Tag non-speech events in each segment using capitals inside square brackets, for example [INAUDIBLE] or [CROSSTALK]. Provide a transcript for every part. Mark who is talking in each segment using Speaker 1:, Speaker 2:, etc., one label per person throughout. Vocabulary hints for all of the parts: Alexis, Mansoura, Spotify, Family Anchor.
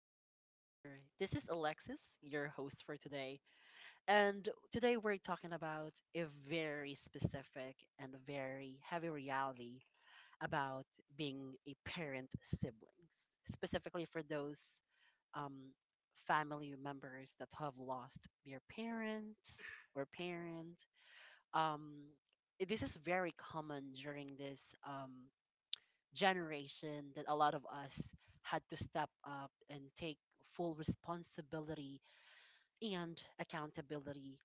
Speaker 1: Family Anchor. This is Alexis, your host for today. And today we're talking about a very specific and very heavy reality about being a parent siblings, specifically for those um, family members that have lost their parents or parent. Um, this is very common during this, generation that a lot of us had to step up and take full responsibility and accountability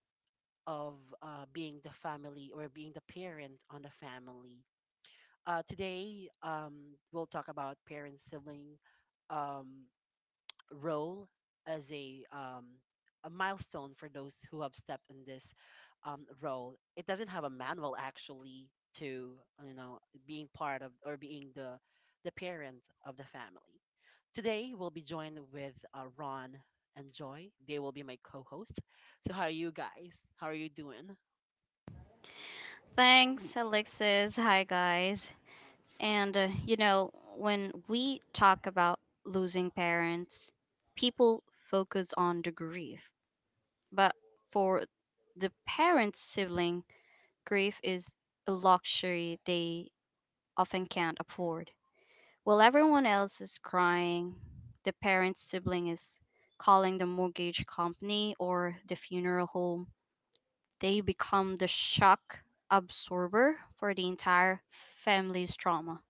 Speaker 1: of being the family or being the parent on the family. Today, we'll talk about parent sibling um, role as a a milestone for those who have stepped in this role. It doesn't have a manual actually to you know being part of or being the parent of the family. Today we'll be joined with Ron and Joy. They will be my co-hosts. So how are you guys? How are you doing?
Speaker 2: Thanks, Alexis. Hi, guys. And, when we talk about losing parents, people focus on the grief. But for the parent sibling, grief is a luxury they often can't afford. While everyone else is crying, the parent sibling is calling the mortgage company or the funeral home. They become the shock absorber for the entire family's trauma.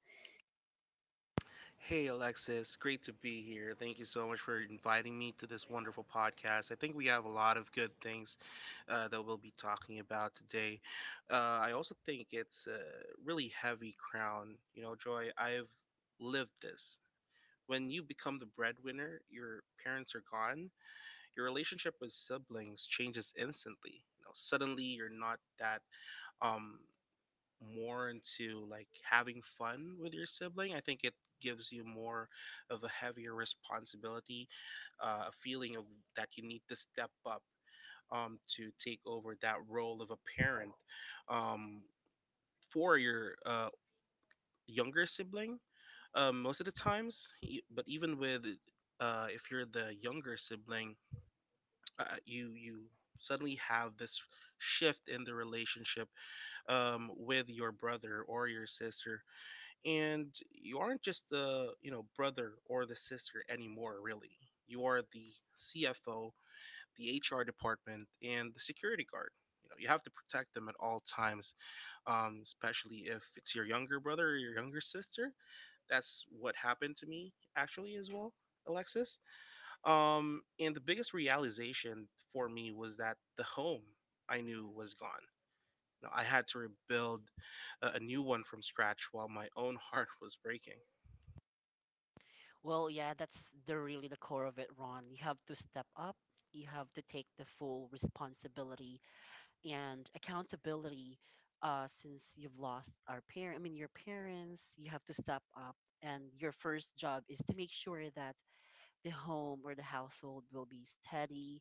Speaker 3: Hey, Alexis, great to be here. Thank you so much for inviting me to this wonderful podcast. I think we have a lot of good things that we'll be talking about today. I also think it's a really heavy crown. You know, Joy, I've lived this. When you become the breadwinner, your parents are gone, your relationship with siblings changes instantly. You know, suddenly you're not that. Um, more into like having fun with your sibling, I think it gives you more of a heavier responsibility, a feeling of that you need to step up to take over that role of a parent um, for your younger sibling. Most of the times, but even with if you're the younger sibling, you suddenly have this shift in the relationship with your brother or your sister, and you aren't just the brother or the sister anymore. Really, you are the CFO, the HR department, and the security guard. You know, you have to protect them at all times especially if it's your younger brother or your younger sister. That's what happened to me actually as well, Alexis, and the biggest realization for me was that the home I knew was gone. You know, I had to rebuild a new one from scratch while my own [LAUGHS] heart was breaking.
Speaker 1: Well, yeah, that's the really the core of it, Ron. You have to step up. You have to take the full responsibility and accountability, since you've lost our parent, I mean your parents, you have to step up, and your first job is to make sure that the home or the household will be steady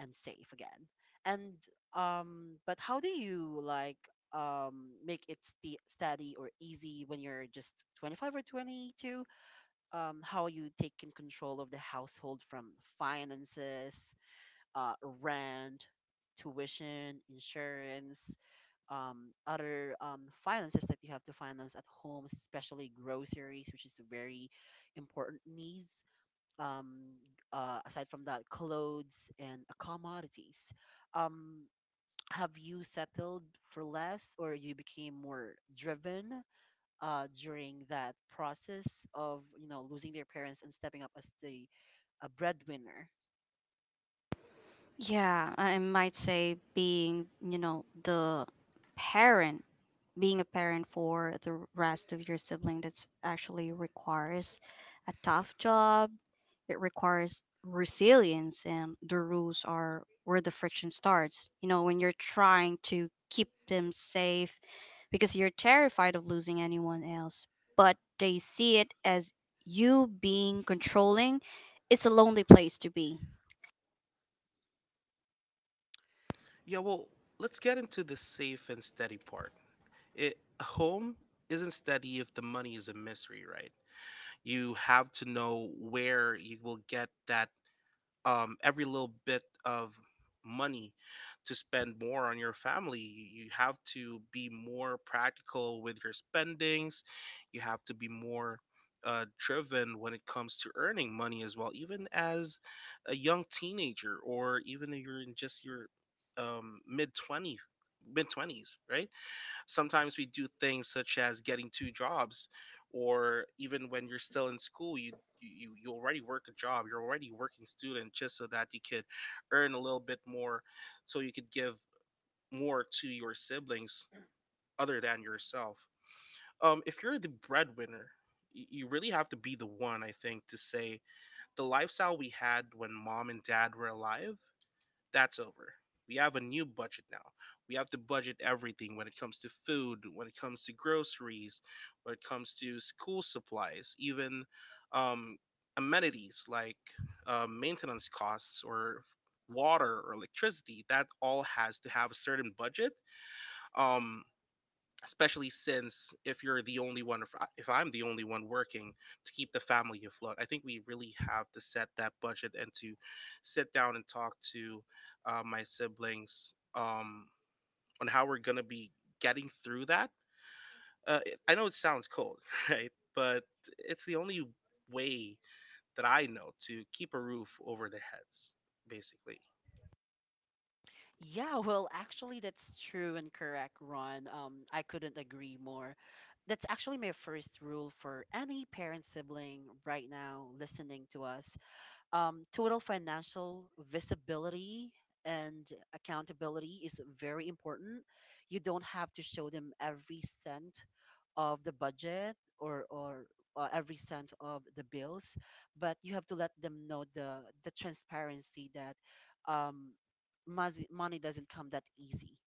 Speaker 1: and safe again. And but how do you like make it steady or easy when you're just 25 or 22? How you taking control of the household, from finances, uh, rent, tuition, insurance, other finances that you have to finance at home, especially groceries, which is a very important needs. Um, aside from that, clothes and commodities. Um, have you settled for less, or you became more driven during that process of losing their parents and stepping up as the a breadwinner?
Speaker 2: Yeah, I might say being, the parent, being a parent for the rest of your sibling, that's actually requires a tough job. It requires resilience, and the rules are where the friction starts when you're trying to keep them safe because you're terrified of losing anyone else, but they see it as you being controlling. It's a lonely place to be.
Speaker 3: Yeah, well, let's get into the safe and steady part. It A home isn't steady if the money is a mystery, right? You have to know where you will get that every little bit of money to spend more on your family. You have to be more practical with your spendings. You have to be more driven when it comes to earning money as well, even as a young teenager or even if you're in just your um, mid 20 mid 20s, right? Sometimes we do things such as getting two jobs, or even when you're still in school, you already work a job. You're already a working student just so that you could earn a little bit more so you could give more to your siblings other than yourself. If you're the breadwinner, you really have to be the one, I think, to say the lifestyle we had when Mom and Dad were alive, that's over. We have a new budget now. We have to budget everything when it comes to food, when it comes to groceries, when it comes to school supplies, even um, amenities like maintenance costs or water or electricity. That all has to have a certain budget. Um, especially since if you're the only one, if I'm the only one working to keep the family afloat, I think we really have to set that budget and to sit down and talk to my siblings on how we're going to be getting through that. I know it sounds cold, [LAUGHS] right, but it's the only way that I know to keep a roof over their heads, basically.
Speaker 1: Yeah, well, actually, that's true and correct, Ron. I couldn't agree more. That's actually my first rule for any parent sibling right now listening to us. Total financial visibility and accountability is very important. You don't have to show them every cent of the budget, or every cent of the bills, but you have to let them know the transparency that, um, money doesn't come that easy,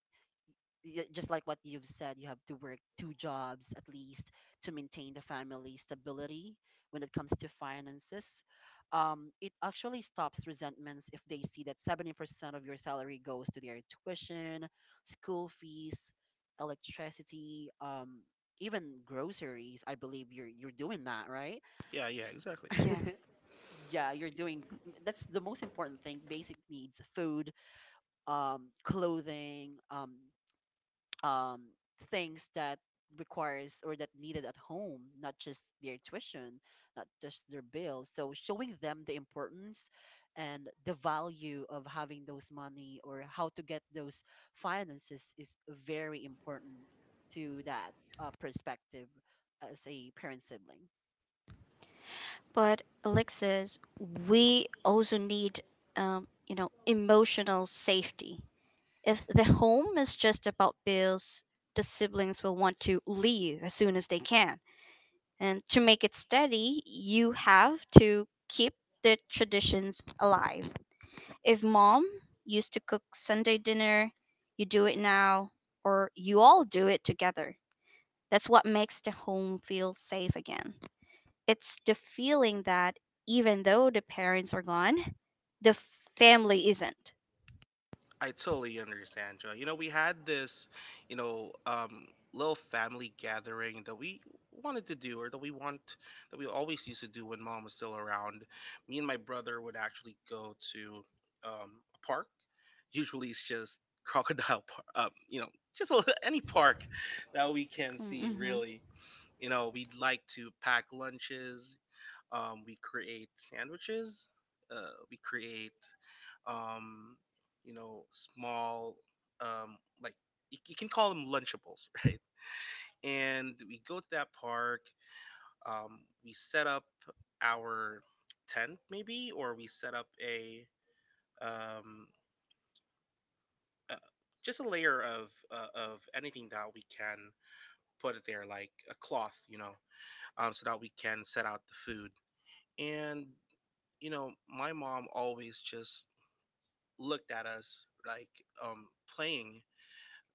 Speaker 1: just like what you've said. You have to work two jobs at least to maintain the family stability when it comes to finances. It actually stops resentments if they see that 70% of your salary goes to their tuition, school fees, electricity, even groceries. I believe you're doing that, right?
Speaker 3: Yeah, yeah, exactly.
Speaker 2: Yeah,
Speaker 1: Yeah, you're doing that's the most important thing, basic needs, food, clothing, um, things that requires or that needed at home, not just their tuition, not just their bills. So showing them the importance and the value of having those money or how to get those finances is very important to that, perspective as a parent sibling.
Speaker 2: but Alexis, we also need emotional safety. If the home is just about bills, the siblings will want to leave as soon as they can. And to make it steady, you have to keep the traditions alive. If mom used to cook Sunday dinner, you do it now, or you all do it together. That's what makes the home feel safe again. It's the feeling that even though the parents are gone, the family isn't.
Speaker 3: I totally understand, Joy. You know, we had this, you know, um, little family gathering that we wanted to do, or that we always used to do when Mom was still around. Me and my brother would actually go to a park. Usually, it's just Crocodile Park, just [LAUGHS] any park that we can see.
Speaker 2: Mm-hmm.
Speaker 3: Really, we'd like to pack lunches. We create sandwiches. We create, um, small, like you can call them lunchables, [LAUGHS] right? And we go to that park. We set up our tent, maybe, or we set up a um, uh, just a layer of of anything that we can put it there, like a cloth, you know, so that we can set out the food. And you know, my mom always just looked at us like um, playing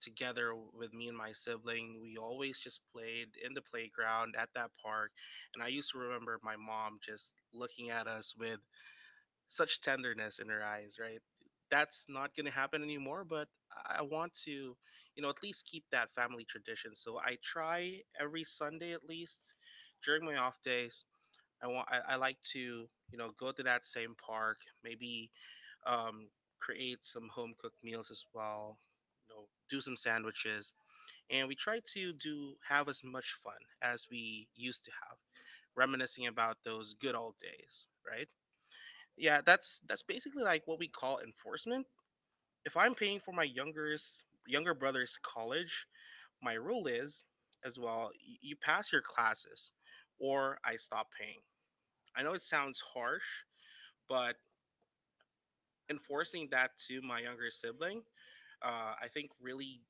Speaker 3: together with me and my sibling. We always just played in the playground at that park. And I used to remember my mom just looking at us with such tenderness in her eyes, right? That's not going to happen anymore, but I want to, you know, at least keep that family tradition. So I try every Sunday at least during my off days. I like to, you know, go to that same park, maybe um, create some home cooked meals as well. You know, do some sandwiches, and we try to do have as much fun as we used to have, reminiscing about those good old days, right? Yeah, that's basically like what we call enforcement. If I'm paying for my younger's younger brother's college, my rule is as well, you pass your classes or I stop paying. I know it sounds harsh, but enforcing that to my younger sibling, I think really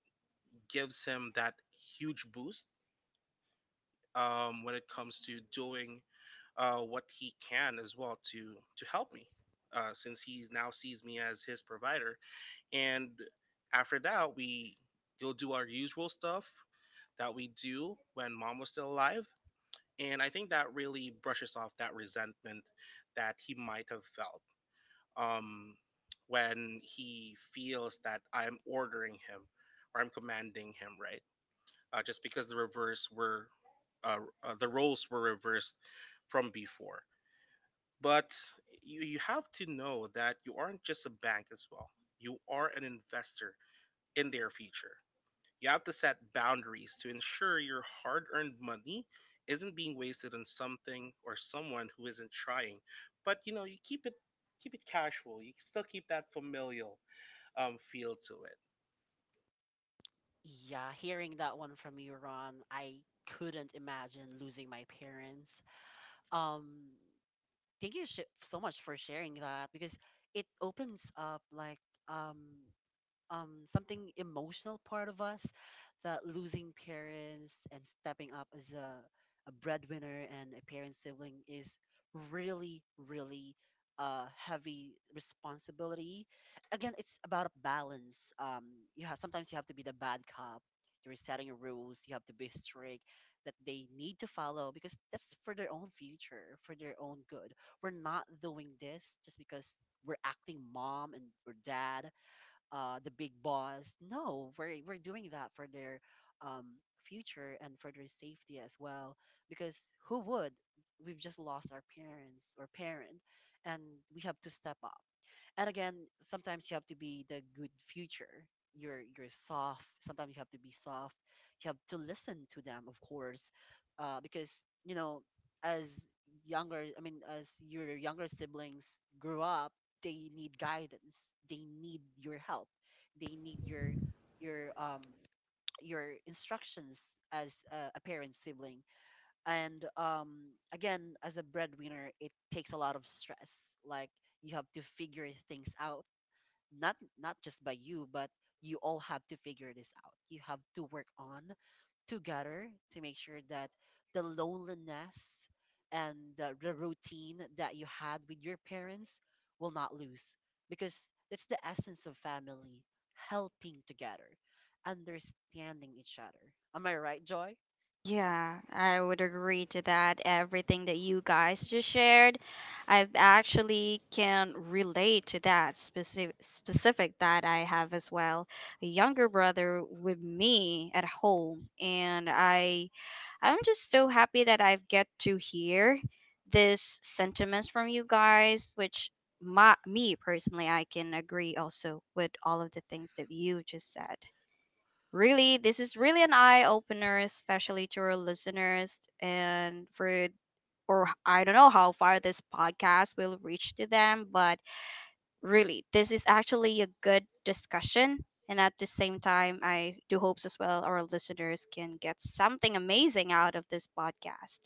Speaker 3: gives him that huge boost when it comes to doing what he can as well to help me, since he now sees me as his provider. And after that, we go do our usual stuff that we do when Mom was still alive. And I think that really brushes off that resentment that he might have felt um, when he feels that I'm ordering him or I'm commanding him, right? Just because uh, the roles were reversed from before. But you have to know that you aren't just a bank as well. You are an investor in their future. You have to set boundaries to ensure your hard earned money isn't being wasted on something or someone who isn't trying. But you know, you keep it casual. You still keep that familial feel to it.
Speaker 1: Yeah, hearing that one from you, Ron, I couldn't imagine losing my parents. Um, thank you so much for sharing that, because it opens up like um something emotional part of us, that losing parents and stepping up as a breadwinner and a parent sibling is really a heavy responsibility. Again, it's about a balance. You have sometimes you have to be the bad cop. You're setting rules. You have to be strict that they need to follow, because that's for their own future, for their own good. We're not doing this just because we're acting mom and or dad, the big boss. No, we're doing that for their um, future and for their safety as well. Because who would? We've just lost our parents or parent, and we have to step up. And again, sometimes you have to be the good future. You're soft. Sometimes you have to be soft. You have to listen to them, of course, because you know as younger, I mean as your younger siblings grew up, they need guidance, they need your help, they need your [TSK] your instructions as a parent sibling. And again, as a breadwinner, it takes a lot of stress. Like, you have to figure things out, not just by you, but you all have to figure this out. You have to work on together to make sure that the loneliness and the routine that you had with your parents will not lose, because that's the essence of family, helping together, understanding each other. Am I right, Joy?
Speaker 2: Yeah, I would agree to that. Everything that you guys just shared, I actually can relate to that specific that I have as well. A younger brother with me at home, and I'm just so happy that I get to hear this sentiments from you guys, which my me personally I can agree also with all of the things that you just said. Really, this is really an eye opener, especially to our listeners and for or I don't know how far this podcast will reach to them, but really, this is actually a good discussion. And at the same time, I do hopes as well our listeners can get something amazing out of this podcast.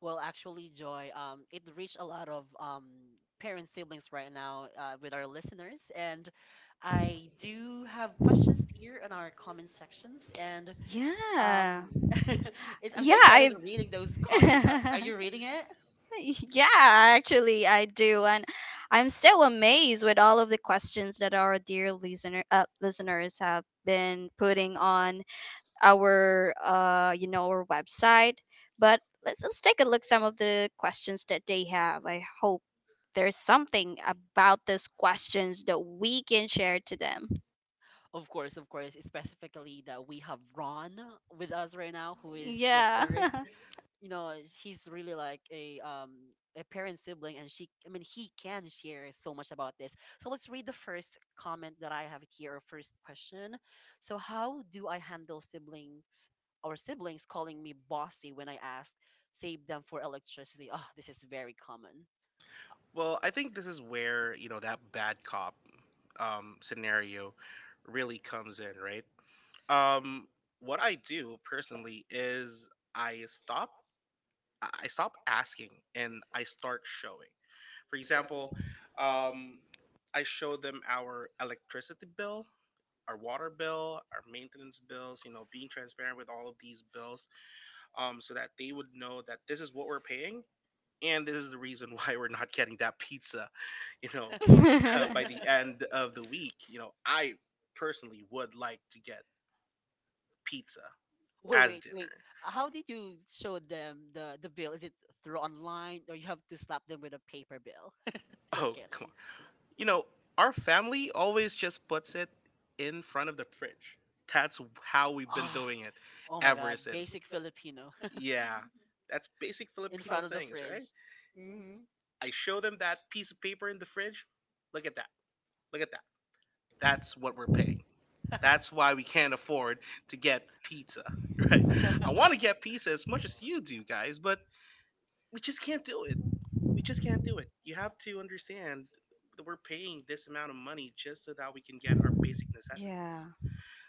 Speaker 1: Well, actually, Joy, it reached a lot of parents, siblings right now with our listeners. And I do have questions here in our comment sections. And
Speaker 2: Yeah.
Speaker 1: um, [LAUGHS] it's, I'm so excited
Speaker 2: Yeah,
Speaker 1: to reading those comments. Are
Speaker 2: I
Speaker 1: you
Speaker 2: [LAUGHS] [LAUGHS]
Speaker 1: reading it?
Speaker 2: Yeah, actually, I do, and I'm so amazed with all of the questions that our dear listeners have been putting on our you know our website. But let's take a look some of the questions that they have. I hope there's something about those questions that we can share to them.
Speaker 1: Of course, of course. Specifically, that we have Ron with us right now, who is the
Speaker 2: Yeah.
Speaker 1: first, you know uh, he's really like a parent sibling, and she, I mean he, can share so much about this. So let's read the first comment that I have here, or first question. So how do I handle siblings or siblings calling me bossy when I ask save them for electricity? Oh, this is very common.
Speaker 3: Well, I think this is where that bad cop scenario really comes in, right? Um, what I do personally is I stop asking and I start showing. For example, um, I show them our electricity bill, our water bill, our maintenance bills. You know, being transparent with all of these bills, so that they would know that this is what we're paying and this is the reason [LAUGHS] why we're not getting that pizza. You know, [LAUGHS] by the
Speaker 2: [LAUGHS]
Speaker 3: end of the week, you know, I personally would like to get pizza
Speaker 1: Wait,
Speaker 3: as
Speaker 1: wait, wait.
Speaker 3: dinner.
Speaker 1: How did you show them the bill? Is it through online, or you have to slap them with a paper bill? [LAUGHS] Just
Speaker 3: Oh, come
Speaker 1: kidding.
Speaker 3: on. You know, our family always just puts it in front of the fridge. That's how we've been [SIGHS]
Speaker 1: Ah,
Speaker 3: doing it
Speaker 1: oh my
Speaker 3: ever
Speaker 1: God,
Speaker 3: since.
Speaker 1: basic Filipino
Speaker 3: Yeah, [LAUGHS] that's basic
Speaker 1: [LAUGHS] in
Speaker 3: Filipino
Speaker 1: front of the
Speaker 3: things, right?
Speaker 1: fridge. Hmm.
Speaker 3: I show them that piece of paper in the fridge. Look at that. Look at that. That's what we're paying. That's why we can't afford to get pizza, [LAUGHS] right? I want to get pizza as much as you do, guys, but we just can't do it. We just can't do it. You have to understand that we're paying this amount of money just so that we can get our basic
Speaker 2: Yeah.
Speaker 3: necessities.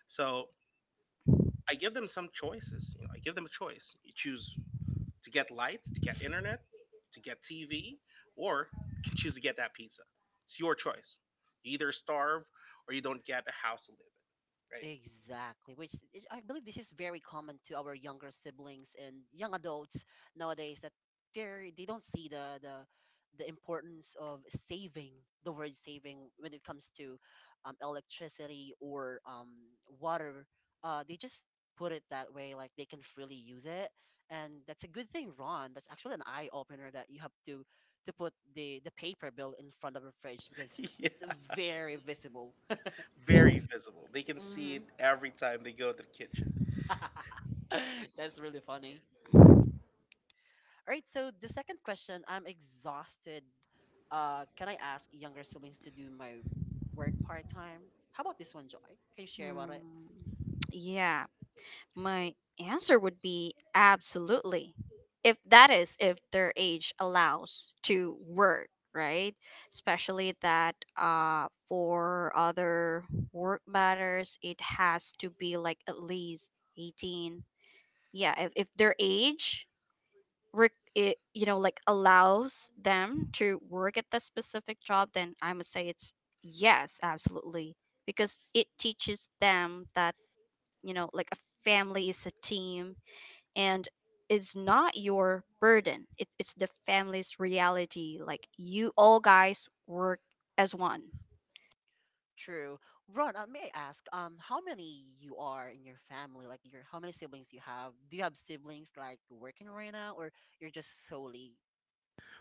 Speaker 3: So I give them some choices. You know, I give them a choice. You choose to get lights, to get internet, to get TV, or you can choose to get that pizza. It's your choice. You either starve or you don't get a house to live in, right?
Speaker 1: Exactly, I believe this is very common to our younger siblings and young adults nowadays, that they don't see the importance of saving, the word saving, when it comes to electricity or water. They just put it that way, like they can freely use it, and that's a good thing, Ron. That's actually an eye opener, that you have to put the paper bill in front of the fridge because
Speaker 3: [LAUGHS] Yeah,
Speaker 1: it's very visible.
Speaker 3: very visible. They can see it, mm-hmm, every time they go to the kitchen.
Speaker 1: [LAUGHS] That's really funny. All right, so the second question, I'm exhausted. Can I ask younger siblings to do my work part time? How about this one, Joy? Can you share about it?
Speaker 2: Hmm, yeah, my answer would be absolutely. If that is, if their age allows to work, right? Especially that for other work matters, it has to be like at least 18. Yeah, if their age, re- it, like allows them to work at the specific job, then I must say it's yes, absolutely. Because it teaches them that like a family is a team, and it's not your burden, it's the family's reality, like you all guys work as one.
Speaker 1: True. Ron, may I ask, how many you are in your family? Like, your how many siblings you have? Do you have siblings like working right now, or you're just solely,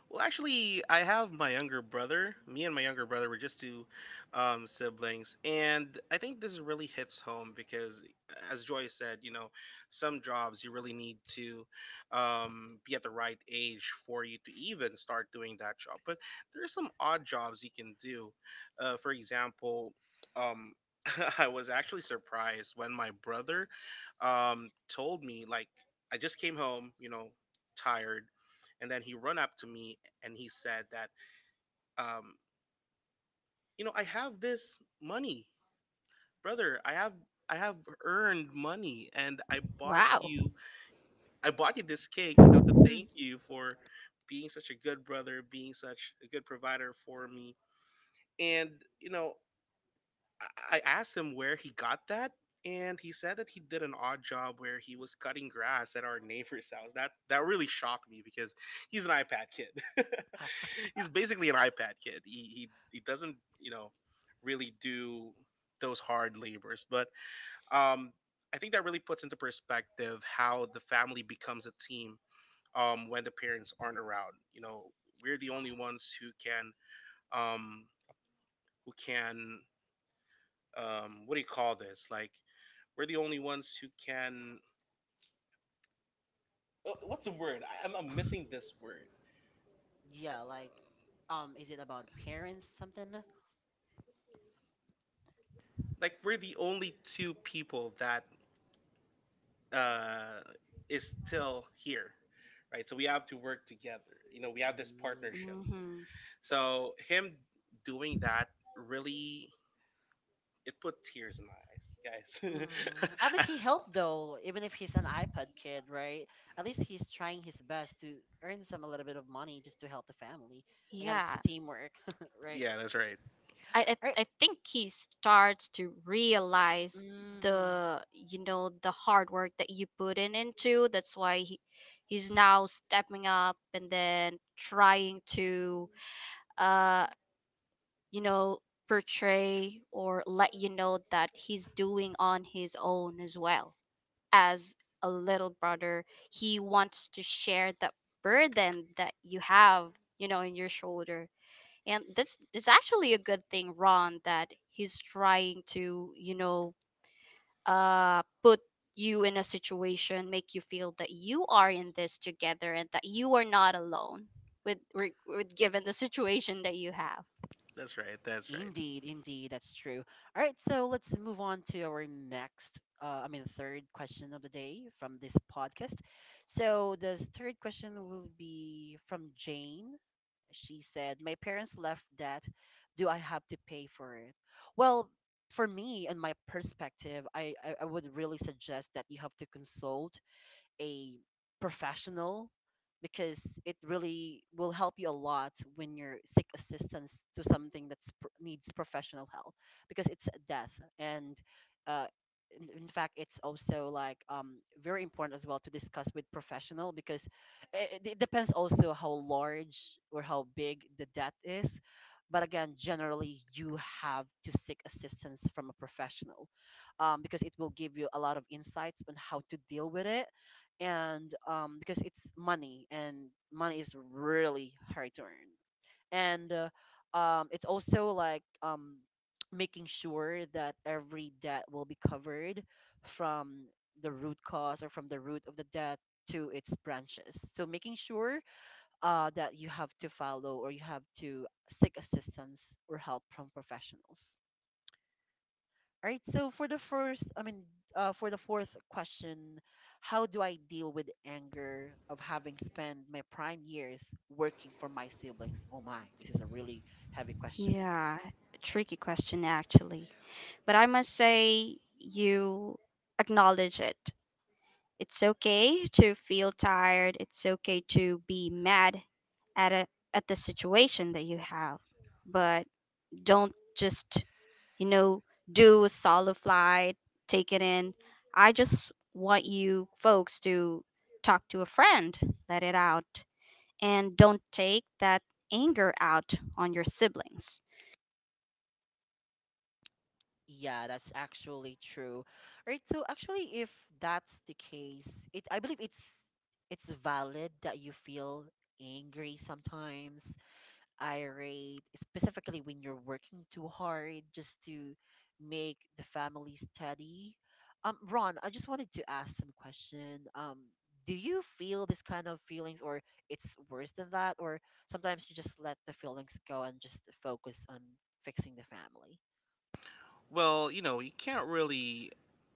Speaker 3: Well, actually, I have my younger brother. Me and my younger brother were just two siblings, and I think this really hits home because, as Joy said, you know, some jobs you really need to be at the right age for you to even start doing that job. But there are some odd jobs you can do. For example, um, [LAUGHS] I was actually surprised when my brother told me, like, I just came home, you know, tired, and then he run up to me and he said that um, you know, I have this money, brother. I have earned money, and I bought you this cake, you know, to thank you for being such a good brother, being such a good provider for me. And you know, I asked him where he got that, and he said that he did an odd job where he was cutting grass at our neighbor's [LAUGHS] house. That really shocked me because he's an iPad kid. [LAUGHS] He's basically an iPad kid. He doesn't, you know, really do those hard labors, but um, I think that really puts into perspective how the family becomes a team when the parents aren't around. You know, we're the only ones who can um, who can what do you call this? Like we're the only ones who can. What's the word? I'm missing this word.
Speaker 1: yeah, like, is it about parents something?
Speaker 3: Like we're the only two people that uh, is still here, right? So we have to work together. You know, we have this
Speaker 1: Mm,
Speaker 3: partnership.
Speaker 2: Mm-hmm.
Speaker 3: So him doing that really it put tears in my eyes,
Speaker 1: At
Speaker 3: guys. [LAUGHS]
Speaker 1: least he helped though, even if he's an iPad kid, right? At least he's trying his best to earn some a little bit of money just to help the family. Again, it's the
Speaker 2: Yeah,
Speaker 1: teamwork, [LAUGHS] right?
Speaker 3: Yeah, that's right.
Speaker 2: I,
Speaker 1: All right.
Speaker 2: I I think he starts to realize
Speaker 1: Mm-hmm.
Speaker 2: the hard work that you put in into. That's why he's now stepping up and then trying to uh you know portray or let you know that he's doing on his own as well as a little brother. He wants to share that burden that you have in your shoulder. And this is actually a good thing, Ron, that he's trying to put you in a situation, make you feel that you are in this together and that you are not alone with given the situation that you have.
Speaker 3: That's right. That's right.
Speaker 1: Indeed, indeed, that's true. All right, so let's move on to our next, I mean, third question of the day from this podcast. So the third question will be from Jane. She said, "My parents left debt. Do I have to pay for it?" Well, for me and my perspective, I would really suggest that you have to consult a professional, because it really will help you a lot when you are seek assistance to something that needs professional help, because it's a death. And uh, in fact, it's also like very important as well to discuss with professional, because it depends also how large or how big the debt is. But again, generally, you have to seek assistance from a professional, because it will give you a lot of insights on how to deal with it. And because it's money, and money is really hard to earn. And it's also like [TSK] making sure that every debt will be covered from the root cause or from the root of the debt to its branches. So making sure that you have to follow, or you have to seek assistance or help from professionals. All right. So for the first, I mean, for the fourth question, how do I deal with anger of having spent my prime years working for my siblings? Oh my, this is a really heavy question.
Speaker 2: Yeah, a tricky question actually. But I must say you acknowledge it. It's okay to feel tired. It's okay to be mad at a, at the situation that you have. But don't just you know do a solo flight, take it in. I just want you folks to talk to a friend, let it out, and don't take that anger out on your siblings.
Speaker 1: Yeah, that's actually true. All right. So actually, if that's the case, it I believe it's valid that you feel angry, sometimes irate, specifically when you're working too hard just to make the family steady. Ron, I just wanted to ask some question. Do you feel this kind of feelings, or it's worse than that, or sometimes you just let the feelings go and just focus on fixing the family?
Speaker 3: Well, you know,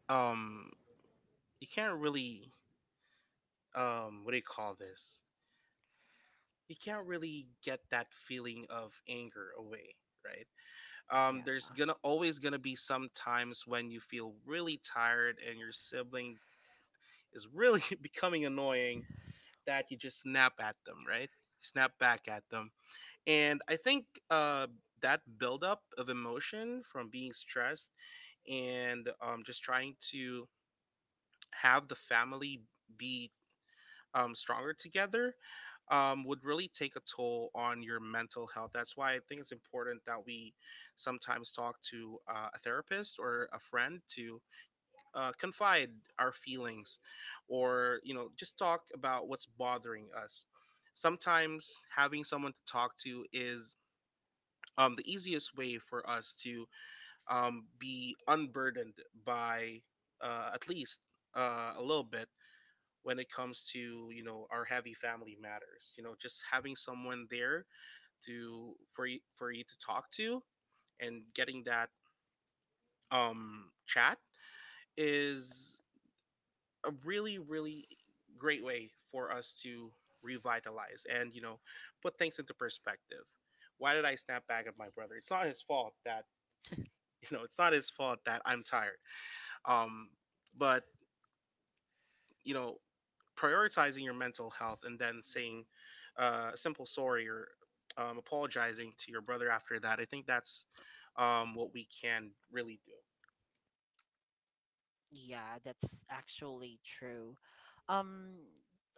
Speaker 3: um you can't really what do you call this? You can't really get that feeling of anger away, right?
Speaker 1: Yeah.
Speaker 3: There's gonna always gonna be some times when you feel really tired and your sibling is really [LAUGHS] becoming annoying that you just snap at them, right? Snap back at them, and I think that buildup of emotion from being stressed and just trying to have the family be stronger together would really take a toll on your mental health. That's why I think it's important that we sometimes talk to a therapist or a friend to confide our feelings or, you know, just talk about what's bothering us. Sometimes having someone to talk to is the easiest way for us to be unburdened by at least a little bit when it comes to our heavy family matters, just having someone there to for you to talk to, and getting that chat is a really really great way for us to revitalize and, you know, put things into perspective. Why did I snap back at my brother? It's not his fault that [LAUGHS] you know it's not his fault that I'm tired. um but you know, prioritizing your mental health and then saying a simple sorry or apologizing to your brother after that, I think that's what we can really do.
Speaker 1: Yeah, that's actually true. Um,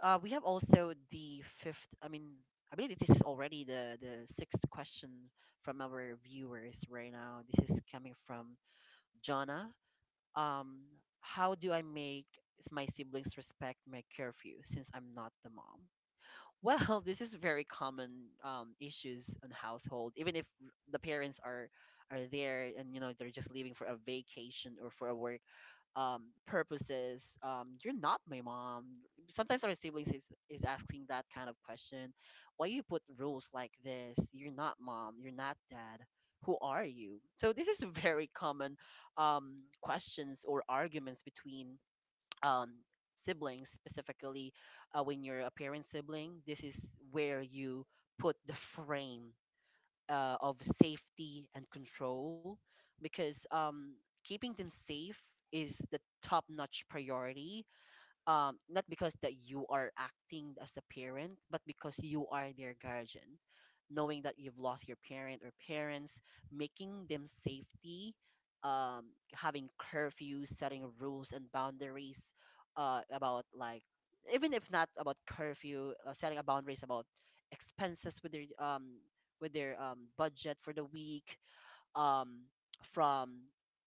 Speaker 1: we have also the fifth. I mean, I believe this is already the sixth question from our viewers right now. This is coming from Jonna. Um, how do I make my siblings respect my curfew since I'm not the mom? Well, [LAUGHS] this is very common issues in household. Even if the parents are there and you know they're just leaving for a vacation or for a work purposes. You're not my mom. Sometimes our siblings is asking that kind of question. Why you put rules like this? You're not mom. You're not dad. Who are you? So this is [LAUGHS] a very common questions or arguments between um, siblings, specifically when you're a parent sibling. This is where you put the frame of safety and control, because keeping them safe is the top notch priority, not because that you are acting as the parent, but because you are their guardian, knowing that you've lost your parent or parents, making them safety, um having curfews, setting rules and boundaries, about, like, even if not about curfew, setting a boundaries about expenses with their budget for the week, um, from,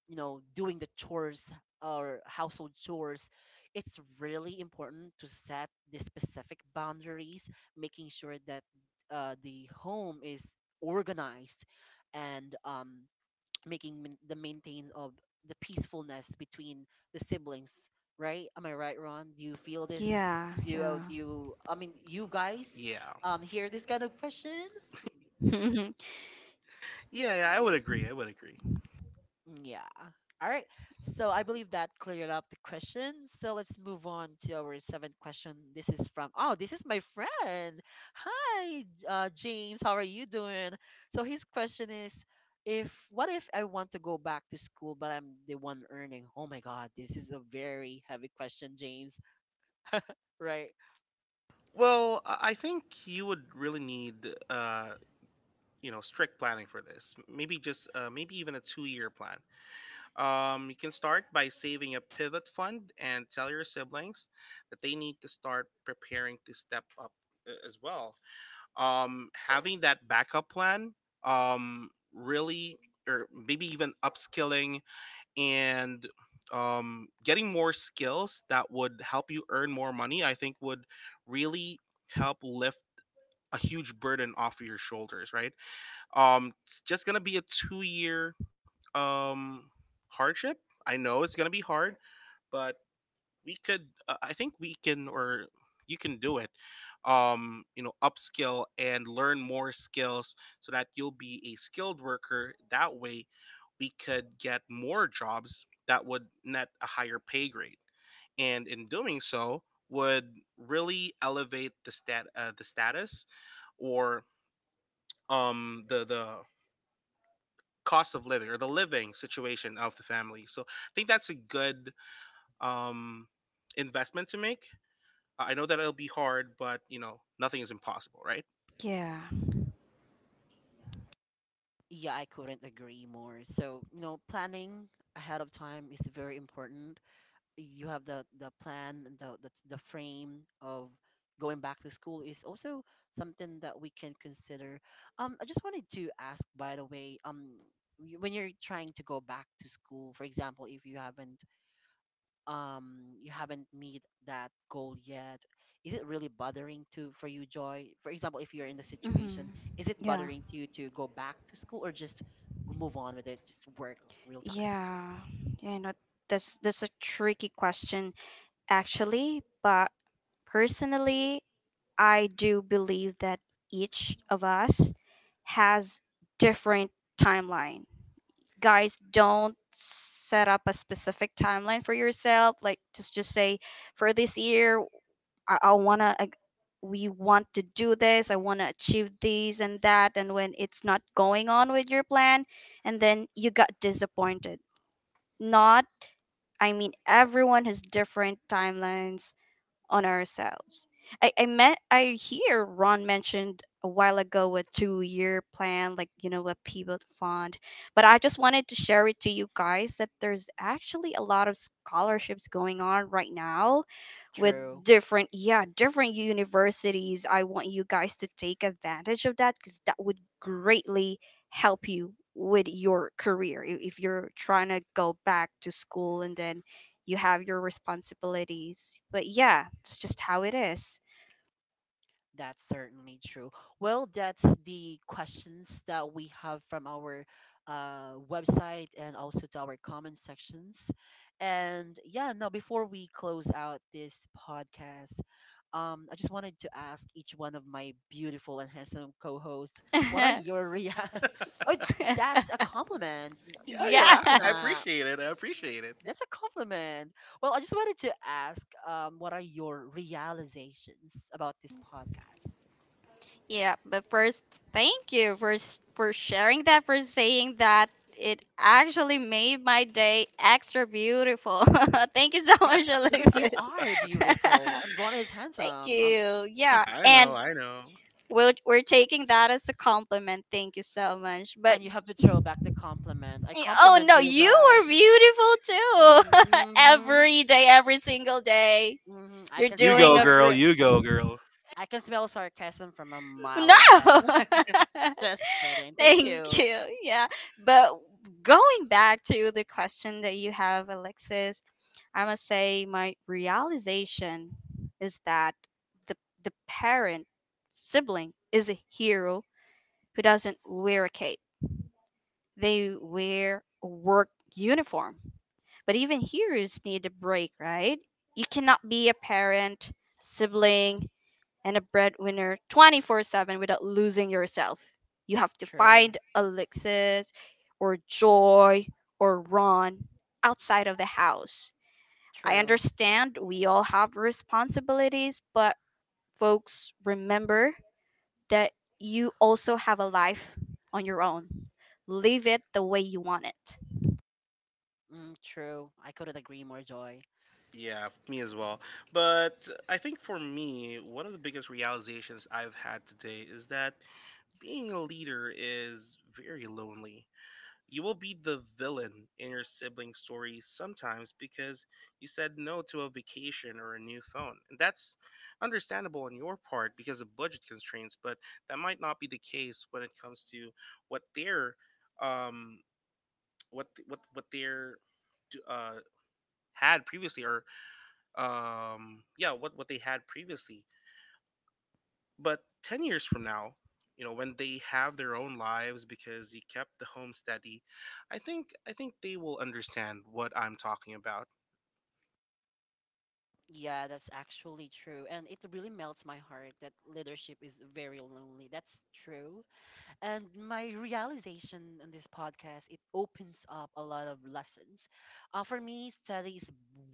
Speaker 1: you know, doing the chores or household chores. It's really important to set the specific boundaries, making sure that the home is organized and making the maintain of the peacefulness between the siblings. Right, am I right, Ron? Do you feel this?
Speaker 2: Yeah,
Speaker 1: Do you,
Speaker 2: yeah.
Speaker 1: do you, I mean, you guys
Speaker 3: Yeah.
Speaker 1: hear this kind of question?
Speaker 2: [LAUGHS]
Speaker 3: Yeah, yeah, I would agree. I would agree.
Speaker 1: Mm, yeah. All right. So I believe that cleared up the question. So let's move on to our seventh question. This is from, oh, this is my friend. Hi, James. How are you doing? So his question is, if what if I want to go back to school, but I'm the one earning? Oh my God, this is a very heavy question, James. Right?
Speaker 3: Well, I think you would really need, you know, strict planning for this. Maybe just, maybe even a two-year plan. You can start by saving a pivot fund and tell your siblings that they need to start preparing to step up as well. Having that backup plan really, or maybe even upskilling and getting more skills that would help you earn more money, I think would really help lift a huge burden off of your shoulders, right? It's just gonna be a 2 year um, hardship. I know it's gonna be hard, but we could I think we can or you can do it. You know, upskill and learn more skills so that you'll be a skilled worker. That way we could get more jobs that would net a higher pay grade, and in doing so would really elevate the stat the status or the cost of living or the living situation of the family. So I think that's a good um investment to make. I know that it'll be hard, but you know, nothing is impossible, right?
Speaker 2: Yeah.
Speaker 1: Yeah, I couldn't agree more. So, you know, planning ahead of time is very important. You have the plan, and the frame of going back to school is also something that we can consider. I just wanted to ask, by the way, when you're trying to go back to school, for example, if you haven't, you haven't meet that goal yet, is it really bothering to for you, Joy, for example, if you're in the
Speaker 2: Hmm.
Speaker 1: situation, is it
Speaker 2: Yeah,
Speaker 1: bothering to you to go back to school, or just move on with it, just work real time?
Speaker 2: yeah. You know that's that's a tricky question actually, but personally I do believe that each of us has different timeline. Guys, don't set up a specific timeline for yourself. Like just say for this year, I wanna we want to do this. I wanna achieve these and that. And when it's not going on with your plan, and then you got disappointed. Not. I mean, everyone has different timelines on ourselves. I hear Ron mentioned a while ago a 2-year plan, like a pivot fund. But I just wanted to share it to you guys that there's actually a lot of scholarships going on right now with
Speaker 1: True.
Speaker 2: different universities. I want you guys to take advantage of that because that would greatly help you with your career. If you're trying to go back to school and then you have your responsibilities, but yeah, it's just how it is.
Speaker 1: That's certainly true. Well, that's the questions that we have from our website and also to our comment sections. And yeah, now before we close out this podcast, I just wanted to ask each one of my beautiful and handsome co-hosts, what are
Speaker 2: [LAUGHS]
Speaker 1: your [LAUGHS] Oh,
Speaker 3: [LAUGHS]
Speaker 1: that's a compliment.
Speaker 3: Yeah,
Speaker 1: What you're
Speaker 2: Yeah.
Speaker 3: yeah.
Speaker 1: laughing
Speaker 3: I
Speaker 1: at?
Speaker 3: appreciate it. I appreciate it.
Speaker 1: That's a compliment. Well, I just wanted to ask, what are your realizations about this podcast?
Speaker 2: Yeah, but first, thank you for sharing that, for saying that. It actually made my day extra beautiful. [LAUGHS] Thank you so
Speaker 1: Bec-
Speaker 2: much,
Speaker 1: because you
Speaker 2: Alexis.
Speaker 1: are beautiful
Speaker 2: [LAUGHS]
Speaker 1: and Ron is
Speaker 2: Thank
Speaker 1: handsome.
Speaker 2: you. Yeah,
Speaker 3: I know.
Speaker 2: and
Speaker 3: I know.
Speaker 2: we're taking that as a compliment. Thank you so much. But
Speaker 1: And you have to throw back the compliment. I
Speaker 2: oh
Speaker 1: compliment
Speaker 2: no,
Speaker 1: you
Speaker 2: you
Speaker 1: guys.
Speaker 2: were beautiful too. [LAUGHS]
Speaker 1: Mm-hmm, mm
Speaker 2: Every day, every single day,
Speaker 1: hmm. I
Speaker 2: you're
Speaker 1: can
Speaker 3: You
Speaker 1: smell
Speaker 2: doing
Speaker 3: go,
Speaker 2: a
Speaker 3: girl.
Speaker 1: sarcasm.
Speaker 2: group.
Speaker 3: You go, girl.
Speaker 1: I can smell sarcasm from a mile
Speaker 2: No.
Speaker 1: away.
Speaker 2: [LAUGHS]
Speaker 1: Just kidding.
Speaker 2: [LAUGHS]
Speaker 1: Thank
Speaker 2: Thank
Speaker 1: you.
Speaker 2: you. Yeah. But going back to the question that you have, Alexis, I must say my realization is that the the parent sibling is a hero who doesn't wear a cape. They wear a work uniform. But even heroes need a break, right? You cannot be a parent, sibling, and a breadwinner 24/7 without losing yourself. You have to
Speaker 1: True.
Speaker 2: find Alexis or Joy or Ron outside of the house. I
Speaker 1: True.
Speaker 2: understand we all have responsibilities, but folks, remember that you also have a life on your own. Live it the way you want it.
Speaker 1: Mm, true. I couldn't agree more, Joy.
Speaker 3: Yeah, me as well. But I think for me, one of the biggest realizations I've had today is that being a leader is very lonely. You will be the villain in your sibling story sometimes because you said no to a vacation or a new phone. And that's understandable on your part because of budget constraints, but that might not be the case when it comes to what their um what their uh had previously or yeah, what they had previously. But 10 years from now, you know, when they have their own lives because you kept the home steady, I think they will understand what I'm talking about.
Speaker 1: Yeah, that's actually true. And it really melts my heart that leadership is very lonely. That's true. And my realization on this podcast, it opens up a lot of lessons. For me, study is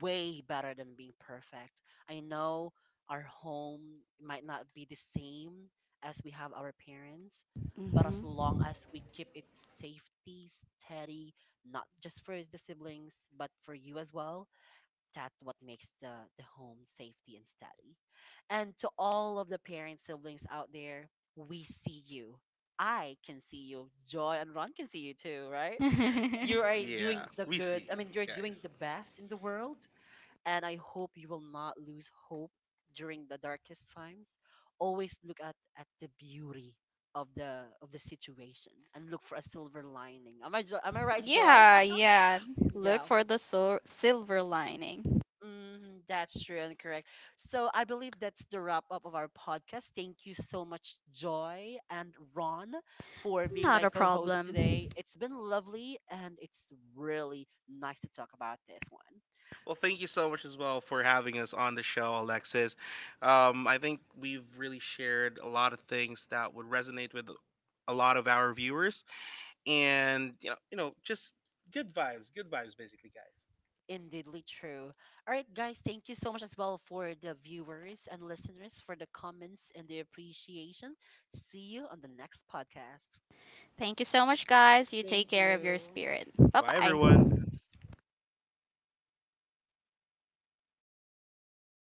Speaker 1: way better than being perfect. I know our home might not be the same as we have our parents, but as long as we keep it safety steady, not just for the siblings, but for you as well, that's what makes the home safety and steady. And to all of the parents, siblings out there, we see you. I can see you. Joy and Ron can see you too, right?
Speaker 2: Hmm.
Speaker 1: You are
Speaker 2: [LAUGHS]
Speaker 1: doing
Speaker 3: Yeah,
Speaker 1: the
Speaker 3: we
Speaker 1: good.
Speaker 3: see
Speaker 1: I mean, you're doing
Speaker 3: guys.
Speaker 1: the best in the world. And I hope you will not lose hope during the darkest times. Always look at the beauty of the situation and look for a silver lining. Am I am I right, Joy?
Speaker 2: Yeah, yeah.
Speaker 1: [LAUGHS]
Speaker 2: Look
Speaker 1: Yeah.
Speaker 2: for the silver lining.
Speaker 1: Mm, that's true and correct. So I believe that's the wrap up of our podcast. Thank you so much, Joy and Ron, for being
Speaker 2: Not
Speaker 1: my
Speaker 2: a
Speaker 1: co host today.
Speaker 2: problem.
Speaker 1: It's been lovely and it's really nice to talk about this one.
Speaker 3: Well, thank you so much as well for having us on the show, Alexis. I think we've really shared a lot of things that would resonate with a lot of our viewers, and you know, just good vibes, basically, guys.
Speaker 1: Indeedly true. All right, guys, thank you so much as well for the viewers and listeners for the comments and the appreciation. See you on the next podcast.
Speaker 2: Thank you so much, guys. You take
Speaker 1: Thank
Speaker 2: care of your
Speaker 1: you.
Speaker 2: spirit. Bye
Speaker 3: Bye, everyone.
Speaker 2: bye.